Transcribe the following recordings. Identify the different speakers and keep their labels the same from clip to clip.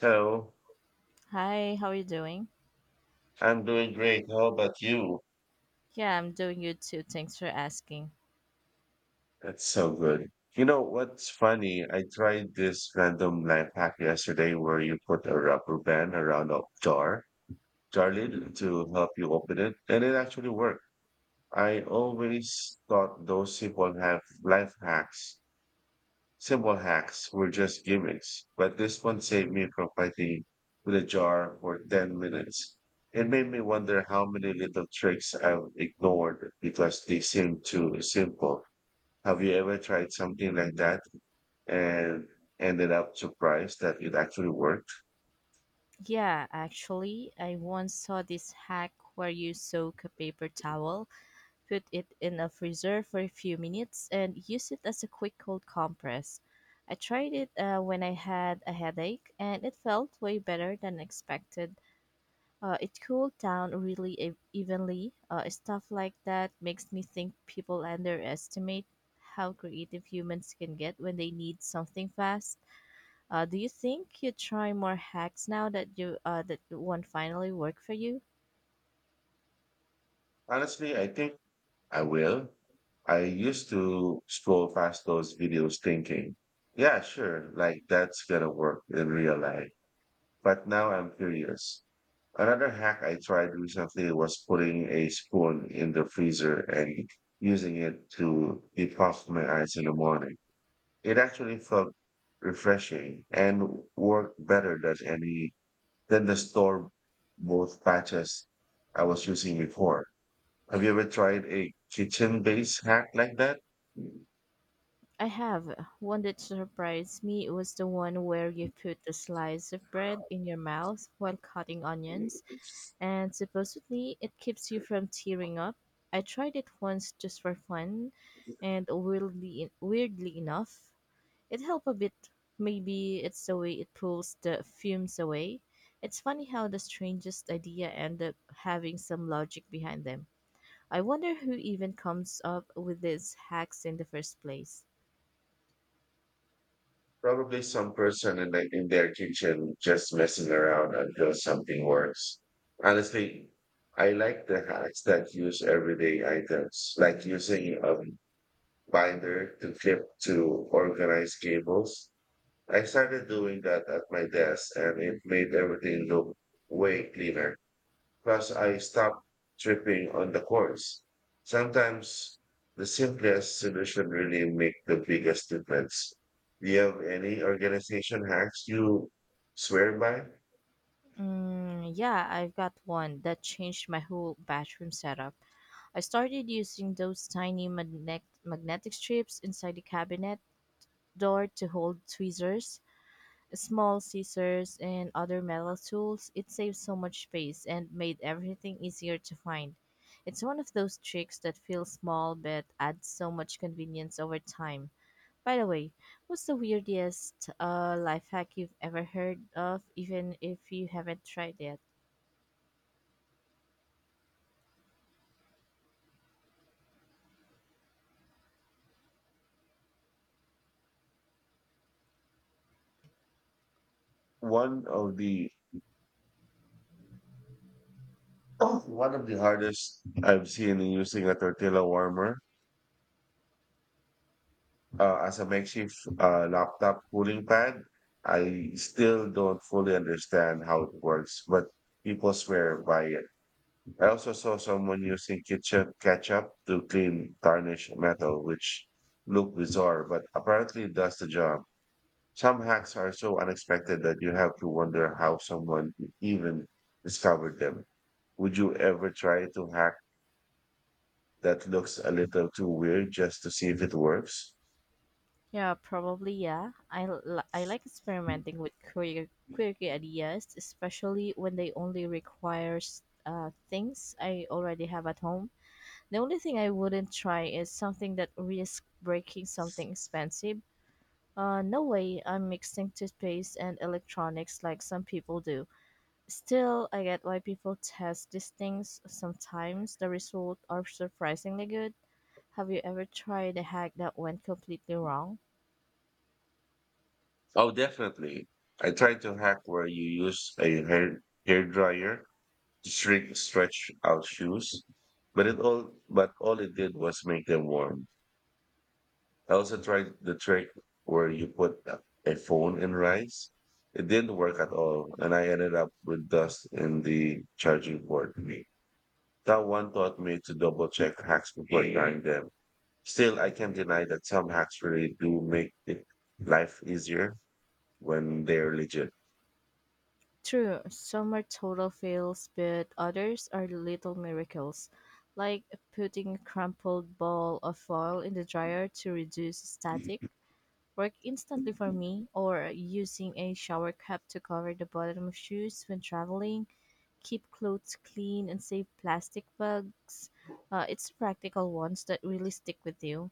Speaker 1: Hello,
Speaker 2: Hi, how are you doing?
Speaker 1: I'm doing great. How about you?
Speaker 2: Yeah, I'm doing good too. Thanks for asking.
Speaker 1: That's so good. You know what's funny? I tried this random life hack yesterday where you put a rubber band around a jar lid to help you open it, and it actually worked. I always thought those people have life hacks. Simple hacks were just gimmicks, but this one saved me from fighting with a jar for 10 minutes. It made me wonder how many little tricks I've ignored because they seemed too simple. Have you ever tried something like that and ended up surprised that it actually worked?
Speaker 2: Yeah, actually, I once saw this hack where you soak a paper towel, put it in a freezer for a few minutes, and use it as a quick cold compress. I tried it when I had a headache, and it felt way better than expected. It cooled down really evenly. Stuff like that makes me think people underestimate how creative humans can get when they need something fast. Do you think you try more hacks now that you that one finally worked for you?
Speaker 1: Honestly, I think I will. I used to scroll past those videos thinking, yeah, sure, like that's gonna work in real life. But now I'm curious. Another hack I tried recently was putting a spoon in the freezer and using it to defrost my ice in the morning. It actually felt refreshing and worked better than any, than the store both patches I was using before. Have you ever tried a kitchen based hack like that?
Speaker 2: I have one that surprised me was the one where you put a slice of bread in your mouth while cutting onions, and supposedly it keeps you from tearing up. I tried it once just for fun, and weirdly enough, it helped a bit. Maybe it's the way it pulls the fumes away. It's funny how the strangest idea end up having some logic behind them. I wonder who even comes up with these hacks in the first place.
Speaker 1: Probably some person in their kitchen just messing around until something works. Honestly, I like the hacks that use everyday items, like using a binder to clip to organize cables. I started doing that at my desk and it made everything look way cleaner because I stopped tripping on the course. Sometimes the simplest solution really make the biggest difference. Do you have any organization hacks you swear by?
Speaker 2: Mm, yeah, I've got one that changed my whole bathroom setup. I started using those tiny magnetic strips inside the cabinet door to hold tweezers, small scissors, and other metal tools. It saved so much space and made everything easier to find. It's one of those tricks that feels small but adds so much convenience over time. By the way, what's the weirdest life hack you've ever heard of, even if you haven't tried it?
Speaker 1: One of the oh, one of the hardest I've seen in using a tortilla warmer as a makeshift laptop cooling pad. I still don't fully understand how it works, but people swear by it. I also saw someone using ketchup to clean tarnished metal, which looked bizarre, but apparently it does the job. Some hacks are so unexpected that you have to wonder how someone even discovered them. Would you ever try to hack that looks a little too weird just to see if it works?
Speaker 2: Yeah, probably yeah. I like experimenting with queer, quirky ideas, especially when they only require things I already have at home. The only thing I wouldn't try is something that risks breaking something expensive. No way I'm mixing toothpaste and electronics like some people do. Still, I get why people test these things. Sometimes the results are surprisingly good. Have you ever tried a hack that went completely wrong?
Speaker 1: Oh, definitely. I tried to hack where you use a hairdryer to shrink stretch out shoes, but it all but all it did was make them warm. I also tried the trick where you put a phone in rice. It didn't work at all, and I ended up with dust in the charging port. That one taught me to double check hacks before trying them. Still, I can't deny that some hacks really do make it life easier when they're legit.
Speaker 2: True, some are total fails, but others are little miracles, like putting a crumpled ball of foil in the dryer to reduce static, work instantly for me, or using a shower cap to cover the bottom of shoes when traveling. Keep clothes clean and save plastic bags. It's practical ones that really stick with you.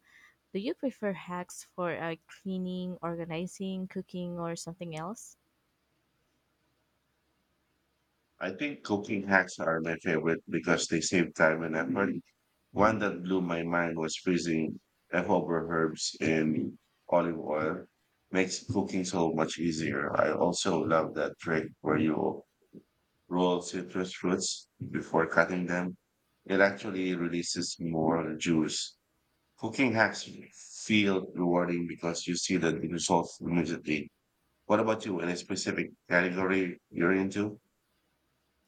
Speaker 2: Do you prefer hacks for cleaning, organizing, cooking, or something else?
Speaker 1: I think cooking hacks are my favorite because they save time and effort. One that blew my mind was freezing leftover herbs in olive oil. Makes cooking so much easier. I also love that trick where you roll citrus fruits before cutting them. It actually releases more juice. Cooking hacks feel rewarding because you see the results immediately. What about you? Any specific category you're into?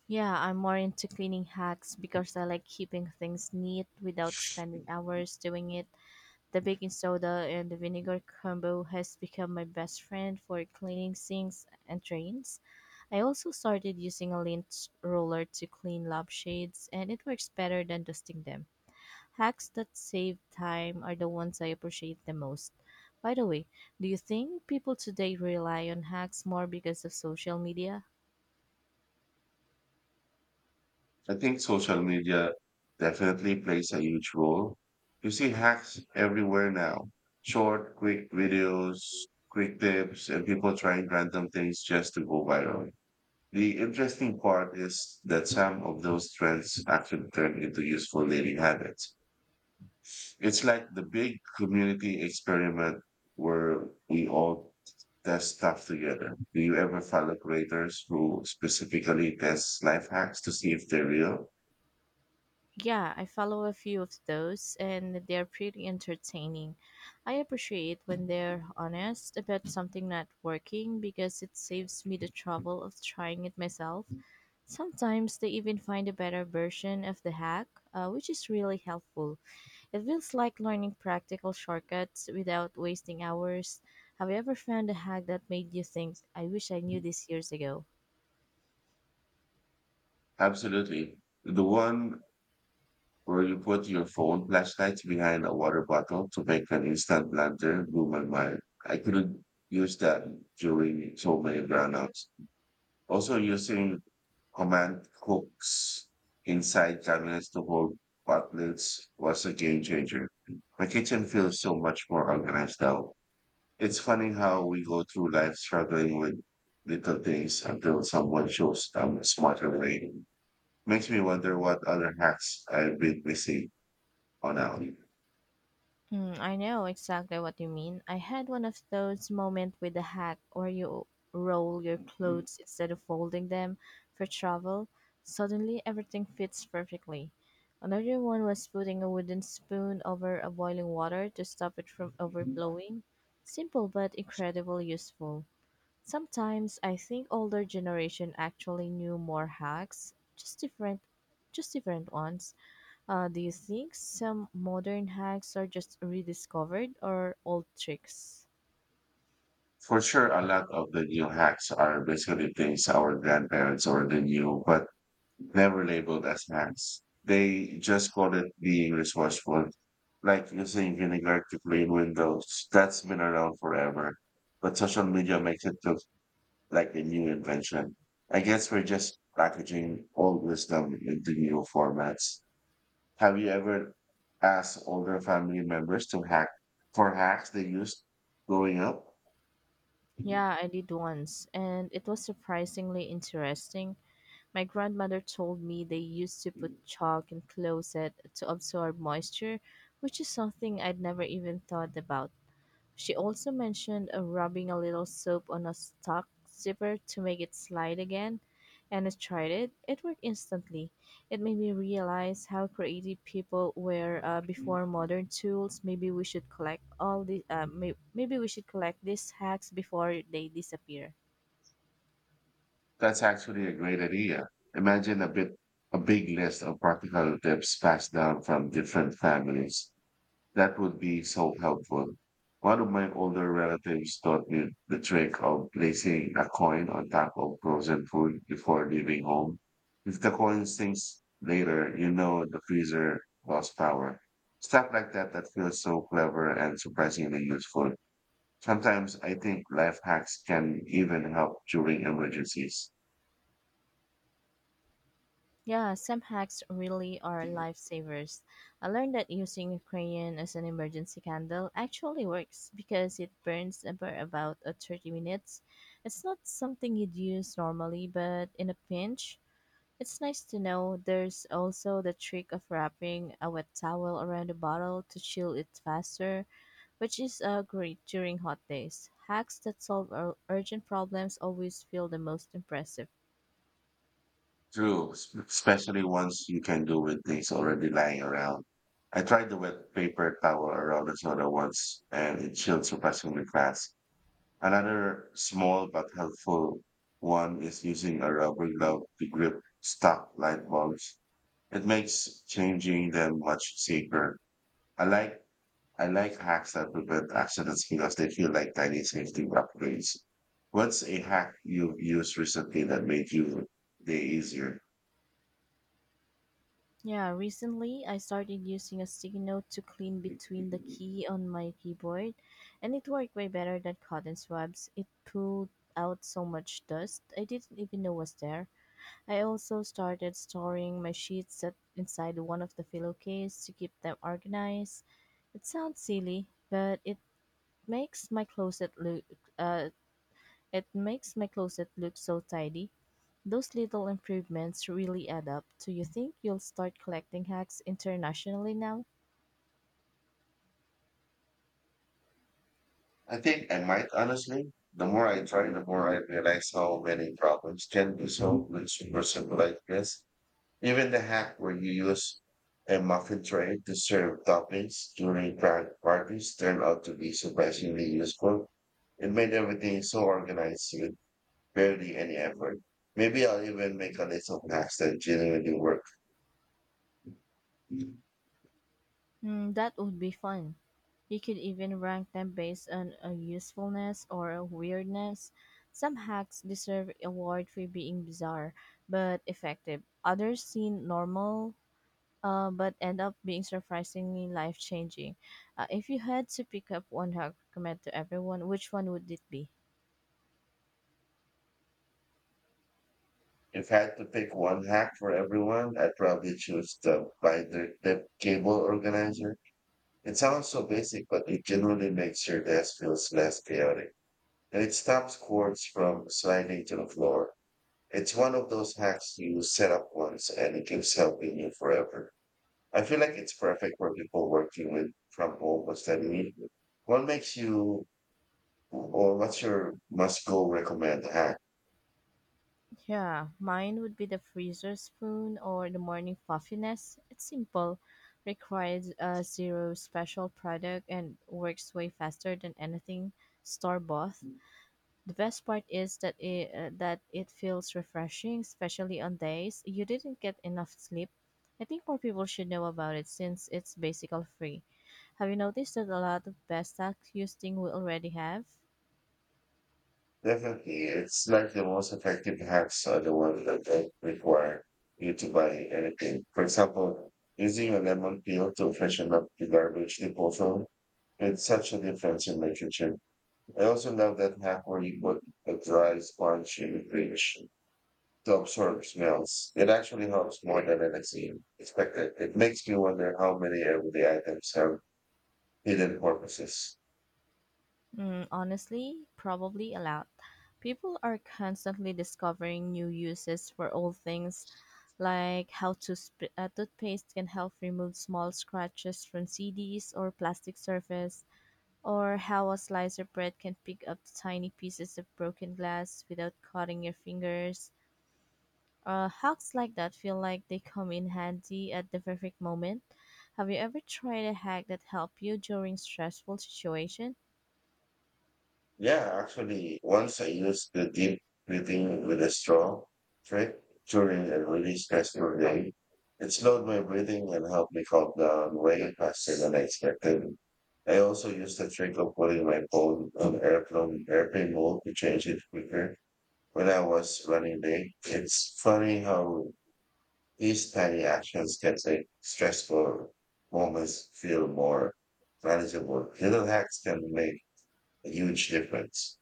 Speaker 2: Yeah, I'm more into cleaning hacks because I like keeping things neat without spending hours doing it. The baking soda and the vinegar combo has become my best friend for cleaning sinks and drains. I also started using a lint roller to clean lampshades, and it works better than dusting them. Hacks that save time are the ones I appreciate the most. By the way, do you think people today rely on hacks more because of social media?
Speaker 1: I think social media definitely plays a huge role. You see hacks everywhere now. Short, quick videos, quick tips, and people trying random things just to go viral. The interesting part is that some of those trends actually turn into useful daily habits. It's like the big community experiment where we all test stuff together. Do you ever follow creators who specifically test life hacks to see if they're real?
Speaker 2: Yeah, I follow a few of those and they're pretty entertaining. I appreciate when they're honest about something not working because it saves me the trouble of trying it myself. Sometimes they even find a better version of the hack, which is really helpful. It feels like learning practical shortcuts without wasting hours. Have you ever found a hack that made you think, I wish I knew this years ago?
Speaker 1: Absolutely. The one where you put your phone flashlight behind a water bottle to make an instant lantern blew my mind. I couldn't use that during so many brownouts. Also, using command hooks inside cabinets to hold butlets was a game changer. My kitchen feels so much more organized now. It's funny how we go through life struggling with little things until someone shows them a smarter way. Makes me wonder what other hacks I've been missing on out.
Speaker 2: Hmm, I know exactly what you mean. I had one of those moments with a hack where you roll your clothes instead of folding them for travel. Suddenly, everything fits perfectly. Another one was putting a wooden spoon over a boiling water to stop it from overflowing. Simple but incredibly useful. Sometimes I think older generation actually knew more hacks, just different ones. Do you think some modern hacks are just rediscovered or old tricks?
Speaker 1: For sure, a lot of the new hacks are basically things our grandparents already knew, but never labeled as hacks. They just call it being resourceful, like using vinegar to clean windows. That's been around forever, but social media makes it look like a new invention. I guess we're just packaging old wisdom into new formats. Have you ever asked older family members to hack for hacks they used growing up?
Speaker 2: Yeah, I did once, and it was surprisingly interesting. My grandmother told me they used to put chalk in closet to absorb moisture, which is something I'd never even thought about. She also mentioned rubbing a little soap on a stock zipper to make it slide again, and I tried it. It worked instantly. It made me realize how creative people were before modern tools. Maybe we should collect all the maybe we should collect these hacks before they disappear.
Speaker 1: That's actually a great idea. Imagine a big list of practical tips passed down from different families. That would be so helpful. One of my older relatives taught me the trick of placing a coin on top of frozen food before leaving home. If the coin sinks later, you know the freezer lost power. Stuff like that feels so clever and surprisingly useful. Sometimes I think life hacks can even help during emergencies.
Speaker 2: Yeah, some hacks really are lifesavers. I learned that using a crayon as an emergency candle actually works because it burns for about 30 minutes. It's not something you'd use normally, but in a pinch, it's nice to know. There's also the trick of wrapping a wet towel around the bottle to chill it faster, which is great during hot days. Hacks that solve urgent problems always feel the most impressive.
Speaker 1: True, s- especially once you can do with things already lying around. I tried the wet paper towel around the soda once, and it chilled surprisingly fast. Another small but helpful one is using a rubber glove to grip stuck light bulbs. It makes changing them much safer. I like I like hacks that prevent accidents because they feel like tiny safety upgrades. What's a hack you've used recently that made your day easier?
Speaker 2: Yeah, recently I started using a sticky note to clean between the key on my keyboard, and it worked way better than cotton swabs. It pulled out so much dust I didn't even know was there. I also started storing my sheets at, inside one of the pillowcase to keep them organized. It sounds silly, but it makes my closet look uh, it makes my closet look so tidy. Those little improvements really add up. Do you think you'll start collecting hacks internationally now?
Speaker 1: I think I might, honestly. The more I try, the more I realize how many problems can be solved with super simple ideas. Even the hack where you use a muffin tray to serve toppings during private parties turned out to be surprisingly useful. It made everything so organized with barely any effort. Maybe I'll even make a list of hacks that genuinely work.
Speaker 2: Hmm, that would be fun. You could even rank them based on a usefulness or a weirdness. Some hacks deserve award for being bizarre but effective. Others seem normal but end up being surprisingly life changing. If you had to pick up one hack recommend to everyone, which one would it be?
Speaker 1: If I had to pick one hack for everyone, I'd probably choose the binder clip cable organizer. It sounds so basic, but it genuinely makes your desk feels less chaotic. And it stops cords from sliding to the floor. It's one of those hacks you set up once and it keeps helping you forever. I feel like it's perfect for people working with from home or studying. What makes you, or what's your must go recommend hack?
Speaker 2: Yeah, mine would be the freezer spoon or the morning fluffiness. It's simple, requires zero special product, and works way faster than anything store bought. The best part is that it feels refreshing, especially on days you didn't get enough sleep. I think more people should know about it since it's basically free. Have you noticed that a lot of best hacks you think we already have?
Speaker 1: Definitely, it's like the most effective hacks are the ones that don't require you to buy anything. For example, using a lemon peel to freshen up the garbage disposal. It's such a difference in my kitchen. I also love that hack where you put a dry sponge in the fridge to absorb smells. It actually helps more than I expected. It makes me wonder how many everyday items have hidden purposes.
Speaker 2: Mm, honestly, probably a lot. People are constantly discovering new uses for old things, like how toothpaste can help remove small scratches from CDs or plastic surface, or how a slice of bread can pick up tiny pieces of broken glass without cutting your fingers. Hacks like that feel like they come in handy at the perfect moment. Have you ever tried a hack that helped you during stressful situation?
Speaker 1: Yeah, actually, once I used the deep breathing with a straw trick during a really stressful day. It slowed my breathing and helped me calm down way faster than I expected. I also used the trick of putting my phone on airplane mode to change it quicker when I was running late. It's funny how these tiny actions can make stressful moments feel more manageable. Little hacks can make a huge difference.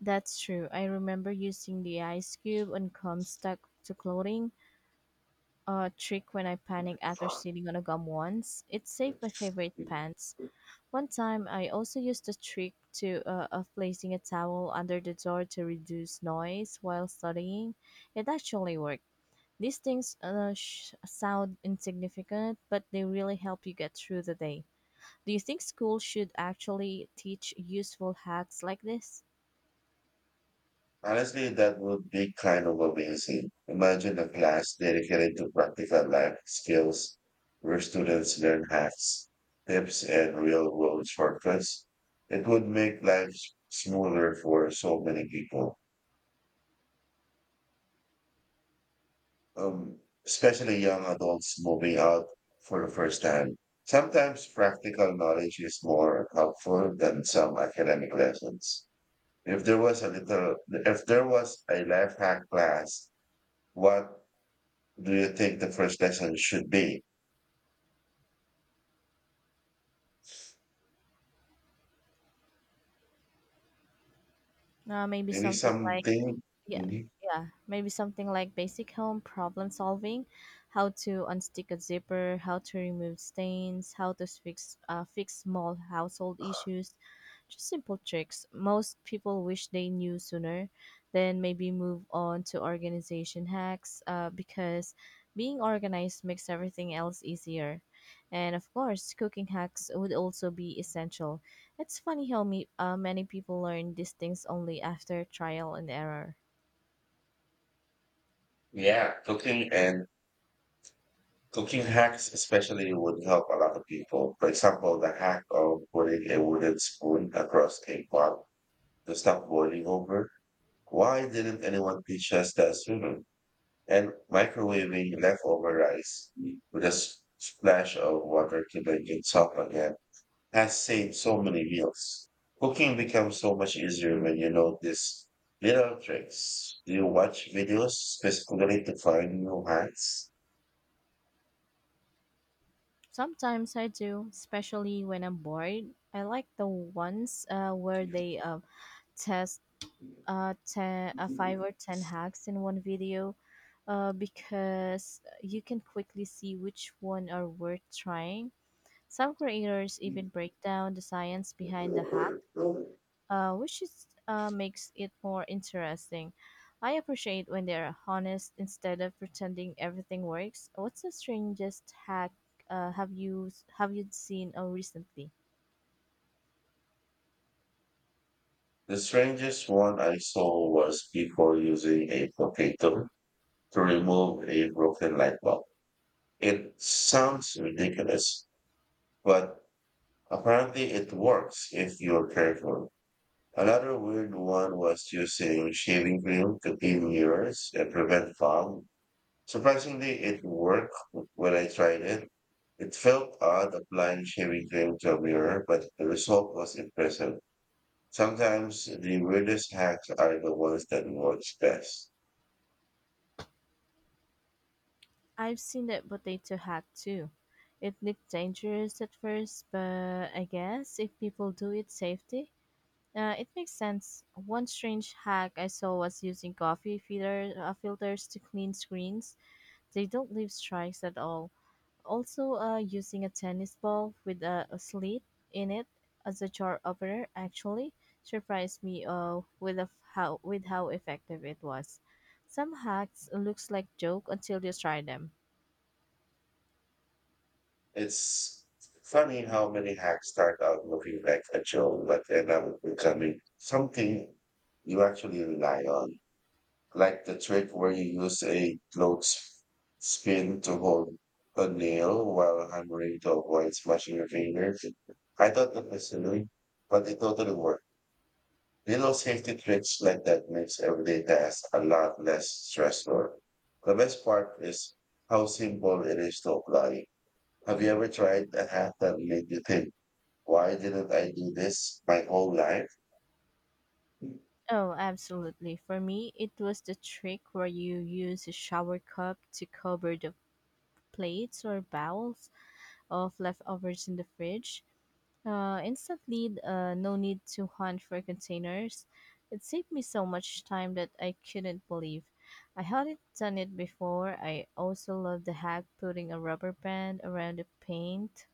Speaker 2: That's true. I remember using the ice cube on gum stuck to clothing, a trick when I panicked after sitting on a gum once. It saved my favorite pants. One time, I also used the trick to of placing a towel under the door to reduce noise while studying. It actually worked. These things sound insignificant, but they really help you get through the day. Do you think school should actually teach useful hacks like this?
Speaker 1: Honestly, that would be kind of amazing. Imagine a class dedicated to practical life skills where students learn hacks, tips, and real world shortcuts. It would make life smoother for so many people, um, especially young adults moving out for the first time. Sometimes practical knowledge is more helpful than some academic lessons. If there was a little, if there was a life hack class, what do you think the first lesson should be?
Speaker 2: Maybe
Speaker 1: Maybe
Speaker 2: something like
Speaker 1: something.
Speaker 2: yeah,
Speaker 1: Mhm.
Speaker 2: yeah. Maybe something like basic home problem solving, how to unstick a zipper, how to remove stains, how to fix small household issues. Just simple tricks. Most people wish they knew sooner. Then maybe move on to organization hacks because being organized makes everything else easier. And of course, cooking hacks would also be essential. It's funny how many people learn these things only after trial and error.
Speaker 1: Yeah, cooking and cooking hacks, especially would help a lot of people. For example, the hack of putting a wooden spoon across a pot to stop boiling over. Why didn't anyone teach us that sooner? And microwaving leftover rice with a s- splash of water to make it soft again has saved so many meals. Cooking becomes so much easier when you know these little tricks. Do you watch videos specifically to find new hacks?
Speaker 2: Sometimes I do, especially when I'm bored. I like the ones where they test five or ten hacks in one video because you can quickly see which one are worth trying. Some creators even break down the science behind the hack which makes it more interesting. I appreciate when they're honest instead of pretending everything works. What's the strangest hack uh, have you have you seen recently?
Speaker 1: The strangest one I saw was before using a potato to remove a broken light bulb. It sounds ridiculous, but apparently it works if you're careful. Another weird one was using shaving cream to clean mirrors and prevent fog. Surprisingly, it worked when I tried it. It felt odd applying shaving cream to a mirror, but the result was impressive. Sometimes the weirdest hacks are the ones that work best.
Speaker 2: I've seen that potato hack too. It looked dangerous at first, but I guess if people do it safely, it makes sense. One strange hack I saw was using filters to clean screens. They don't leave stripes at all. Also, using a tennis ball with a slit in it as a jar opener actually surprised me with how effective it was. Some hacks looks like joke until you try them.
Speaker 1: It's funny how many hacks start out looking like a joke, but end up becoming something you actually rely on, like the trick where you use a clothes spin to hold a nail while hammering to avoid smashing your fingers. I thought that was silly, but it totally worked. Little safety tricks like that makes everyday tasks a lot less stressful. The best part is how simple it is to apply. Have you ever tried a hack that made you think, why didn't I do this my whole life?
Speaker 2: Oh, absolutely. For me, it was the trick where you use a shower cup to cover the plates or bowls of leftovers in the fridge. Instantly, no need to hunt for containers. It saved me so much time that I couldn't believe. I hadn't done it before. I also love the hack putting a rubber band around the paint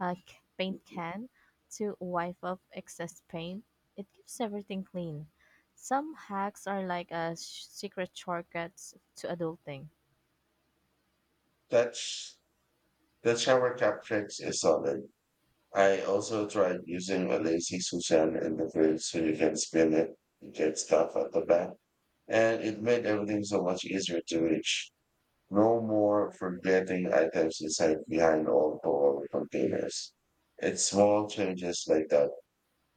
Speaker 2: uh, c- paint can to wipe up excess paint. It keeps everything clean. Some hacks are like a secret shortcuts to adulting.
Speaker 1: That's the shower cap tricks is solid. I also tried using a lazy Susan interface so you can spin it and get stuff at the back. And it made everything so much easier to reach. No more forgetting items inside behind all door containers. It's small changes like that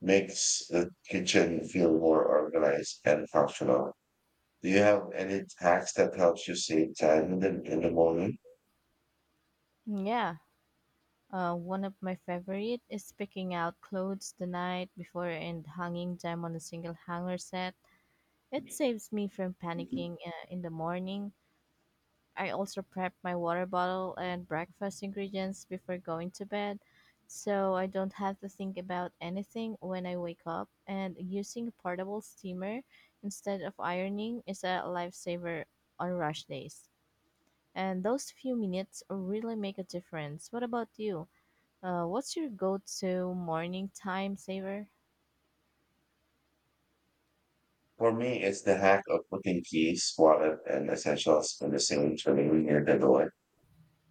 Speaker 1: makes the kitchen feel more organized and functional. Do you have any hacks that helps you save time in the morning?
Speaker 2: Yeah, one of my favorite is picking out clothes the night before and hanging them on a single hanger set. It saves me from panicking in the morning. I also prep my water bottle and breakfast ingredients before going to bed, so I don't have to think about anything when I wake up. And using a portable steamer instead of ironing is a lifesaver on rush days. And those few minutes really make a difference. What about you? What's your go-to morning time saver?
Speaker 1: For me, it's the hack of putting keys, wallet, and essentials in the same tray near the door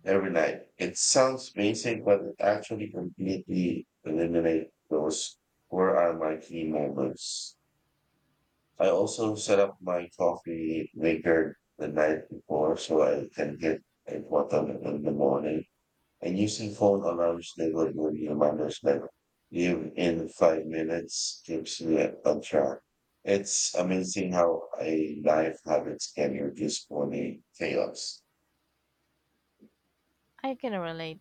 Speaker 1: every night. It sounds basic, but it actually completely eliminates those where are my key moments. I also set up my coffee maker the night before so I can get a bottle in the morning. I using phone alarms that like would give you reminders that you in 5 minutes keeps me at- on track. It's amazing how a life habits can reduce morning chaos.
Speaker 2: I can relate.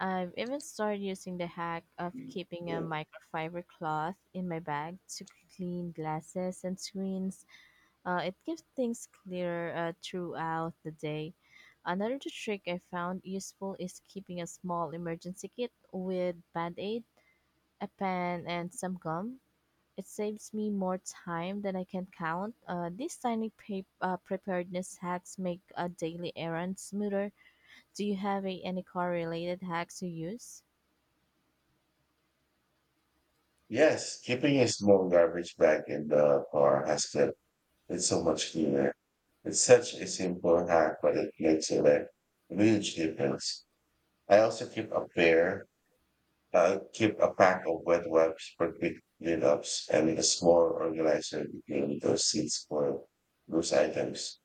Speaker 2: I've even started using the hack of keeping a
Speaker 1: Yeah.
Speaker 2: microfiber cloth in my bag to clean glasses and screens. It keeps things clearer throughout the day. Another trick I found useful is keeping a small emergency kit with band-aid, a pen, and some gum. It saves me more time than I can count. These tiny preparedness hacks make a daily errand smoother. Do you have any car related hacks you use?
Speaker 1: Yes, keeping a small garbage bag in the car has kept it so much cleaner. It's such a simple hack, but it makes a like, huge difference. I also keep a pair I keep a pack of wet wipes for quick cleanups and a small organizer between the seats for loose items.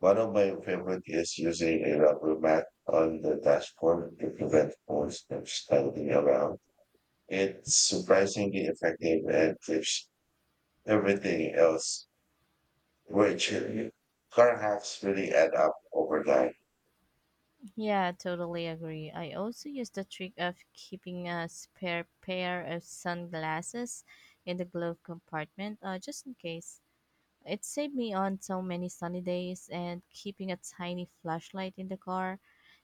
Speaker 1: One of my favorite is using a rubber mat on the dashboard to prevent phones from sliding around. It's surprisingly effective and keeps everything else very chill. Car hacks really add up over time.
Speaker 2: Yeah, totally agree. I also use the trick of keeping a spare pair of sunglasses in the glove compartment, just in case. It saved me on so many sunny days, and keeping a tiny flashlight in the car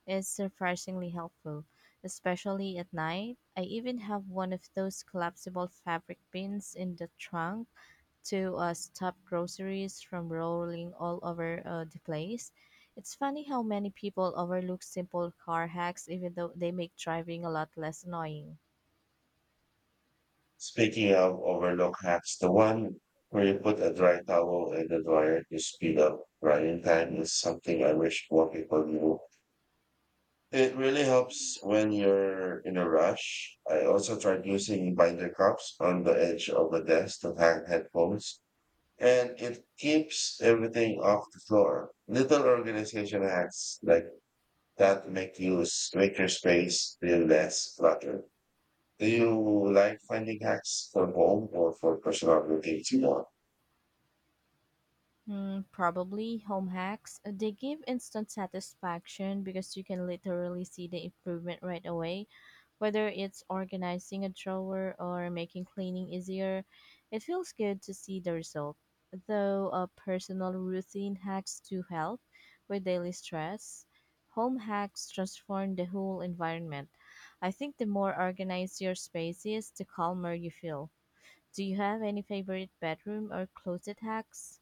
Speaker 2: is surprisingly helpful, especially at night. I even have one of those collapsible fabric bins in the trunk to stop groceries from rolling all over the place. It's funny how many people overlook simple car hacks, even though they make driving a lot less annoying.
Speaker 1: Speaking of overlook hacks, the one where you put a dry towel in the dryer to speed up drying time is something I wish more people knew. It really helps when you're in a rush. I also tried using binder cups on the edge of the desk to hang headphones, and it keeps everything off the floor. Little organization hacks like that make make your space feel less cluttered. Do you like finding hacks for home or for personal routines more?
Speaker 2: Hmm, probably home hacks. They give instant satisfaction because you can literally see the improvement right away. Whether it's organizing a drawer or making cleaning easier, it feels good to see the result. Though a personal routine hacks do help with daily stress, home hacks transform the whole environment. I think the more organized your space is, the calmer you feel. Do you have any favorite bedroom or closet hacks?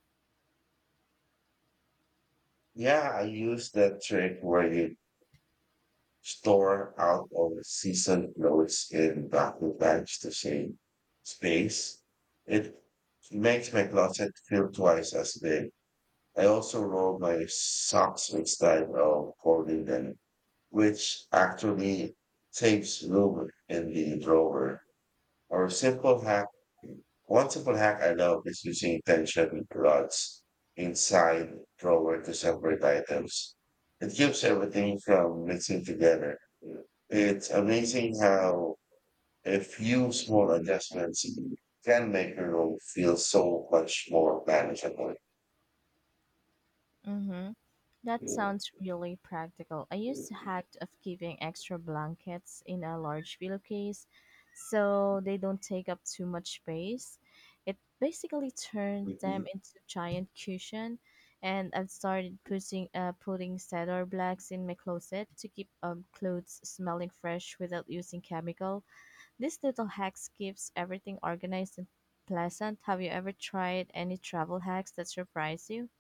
Speaker 1: Yeah, I use that trick where you store out of season clothes in plastic bags to save space. It makes my closet feel twice as big. I also roll my socks with style of folding them, which actually saves room in the drawer. Or a simple hack. One simple hack I love is using tension rods inside drawer to separate items. It keeps everything from mixing together. It's amazing how a few small adjustments can make your room feel so much more manageable.
Speaker 2: Mm-hmm. That
Speaker 1: Mhm.
Speaker 2: sounds really practical. I used to hack of keeping extra blankets in a large pillowcase so they don't take up too much space. It basically turned
Speaker 1: Okay,
Speaker 2: them into giant cushion, and I've started putting cedar blacks in my closet to keep clothes smelling fresh without using chemical. This little hacks keeps everything organized and pleasant. Have you ever tried any travel hacks that surprise you,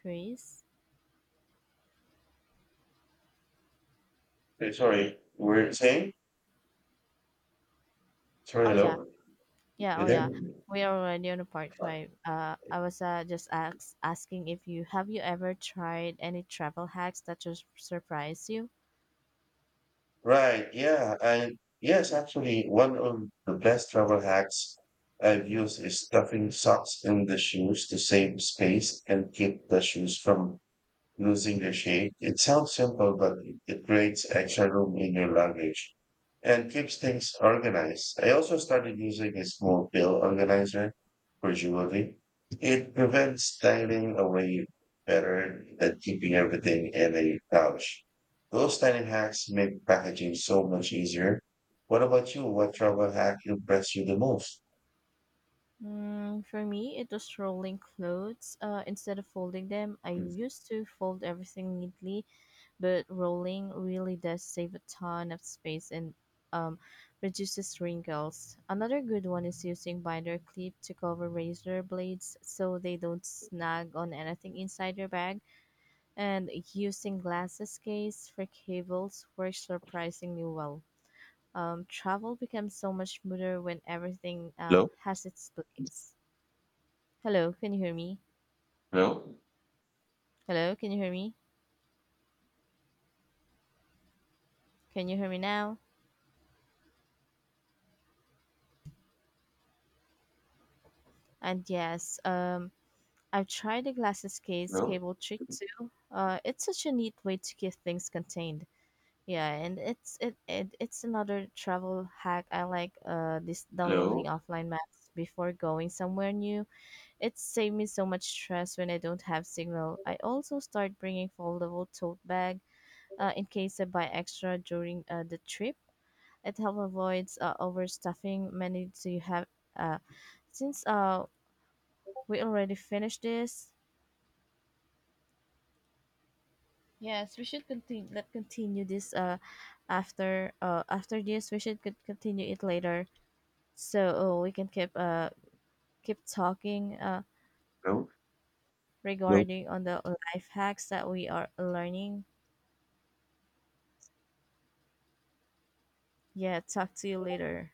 Speaker 2: Chris?
Speaker 1: sorry, we're saying? Sorry,
Speaker 2: Oh yeah.
Speaker 1: hello?
Speaker 2: Yeah,
Speaker 1: You
Speaker 2: oh
Speaker 1: there?
Speaker 2: yeah. We are already on a part five. I was just asking if you have you ever tried any travel hacks that just surprise you?
Speaker 1: Right. Yeah. And yes, actually, one of the best travel hacks I've used is stuffing socks in the shoes to save space and keep the shoes from using the sheet. It sounds simple, but it creates extra room in your luggage and keeps things organized. I also started using a small bill organizer for jewelry. It prevents styling away better than keeping everything in a pouch. Those tiny hacks make packaging so much easier. What about you? What travel hack impressed you the most?
Speaker 2: Mm, for me, it was rolling clothes. Instead of folding them, I used to fold everything neatly, but rolling really does save a ton of space and um, reduces wrinkles. Another good one is using binder clip to cover razor blades so they don't snag on anything inside your bag, and using glasses case for cables works surprisingly well. Travel becomes so much smoother when everything
Speaker 1: Hello,
Speaker 2: has its place. Hello, can you hear me?
Speaker 1: hello,
Speaker 2: Hello, can you hear me? Can you hear me now? And yes, I've tried the glasses case
Speaker 1: hello,
Speaker 2: cable trick too. It's such a neat way to keep things contained. Yeah, and it's it, it it's another travel hack I like. This
Speaker 1: hello,
Speaker 2: downloading offline maps before going somewhere new. It saved me so much stress when I don't have signal. I also start bringing foldable tote bag, in case I buy extra during the trip. It helps avoid overstuffing. Many do you have? Uh, since we already finished this, yes, we should continue. Let continue this after after this. We should could continue it later, so we can keep talking
Speaker 1: hello, hello.
Speaker 2: regarding on the life hacks that we are learning. Yeah, talk to you later.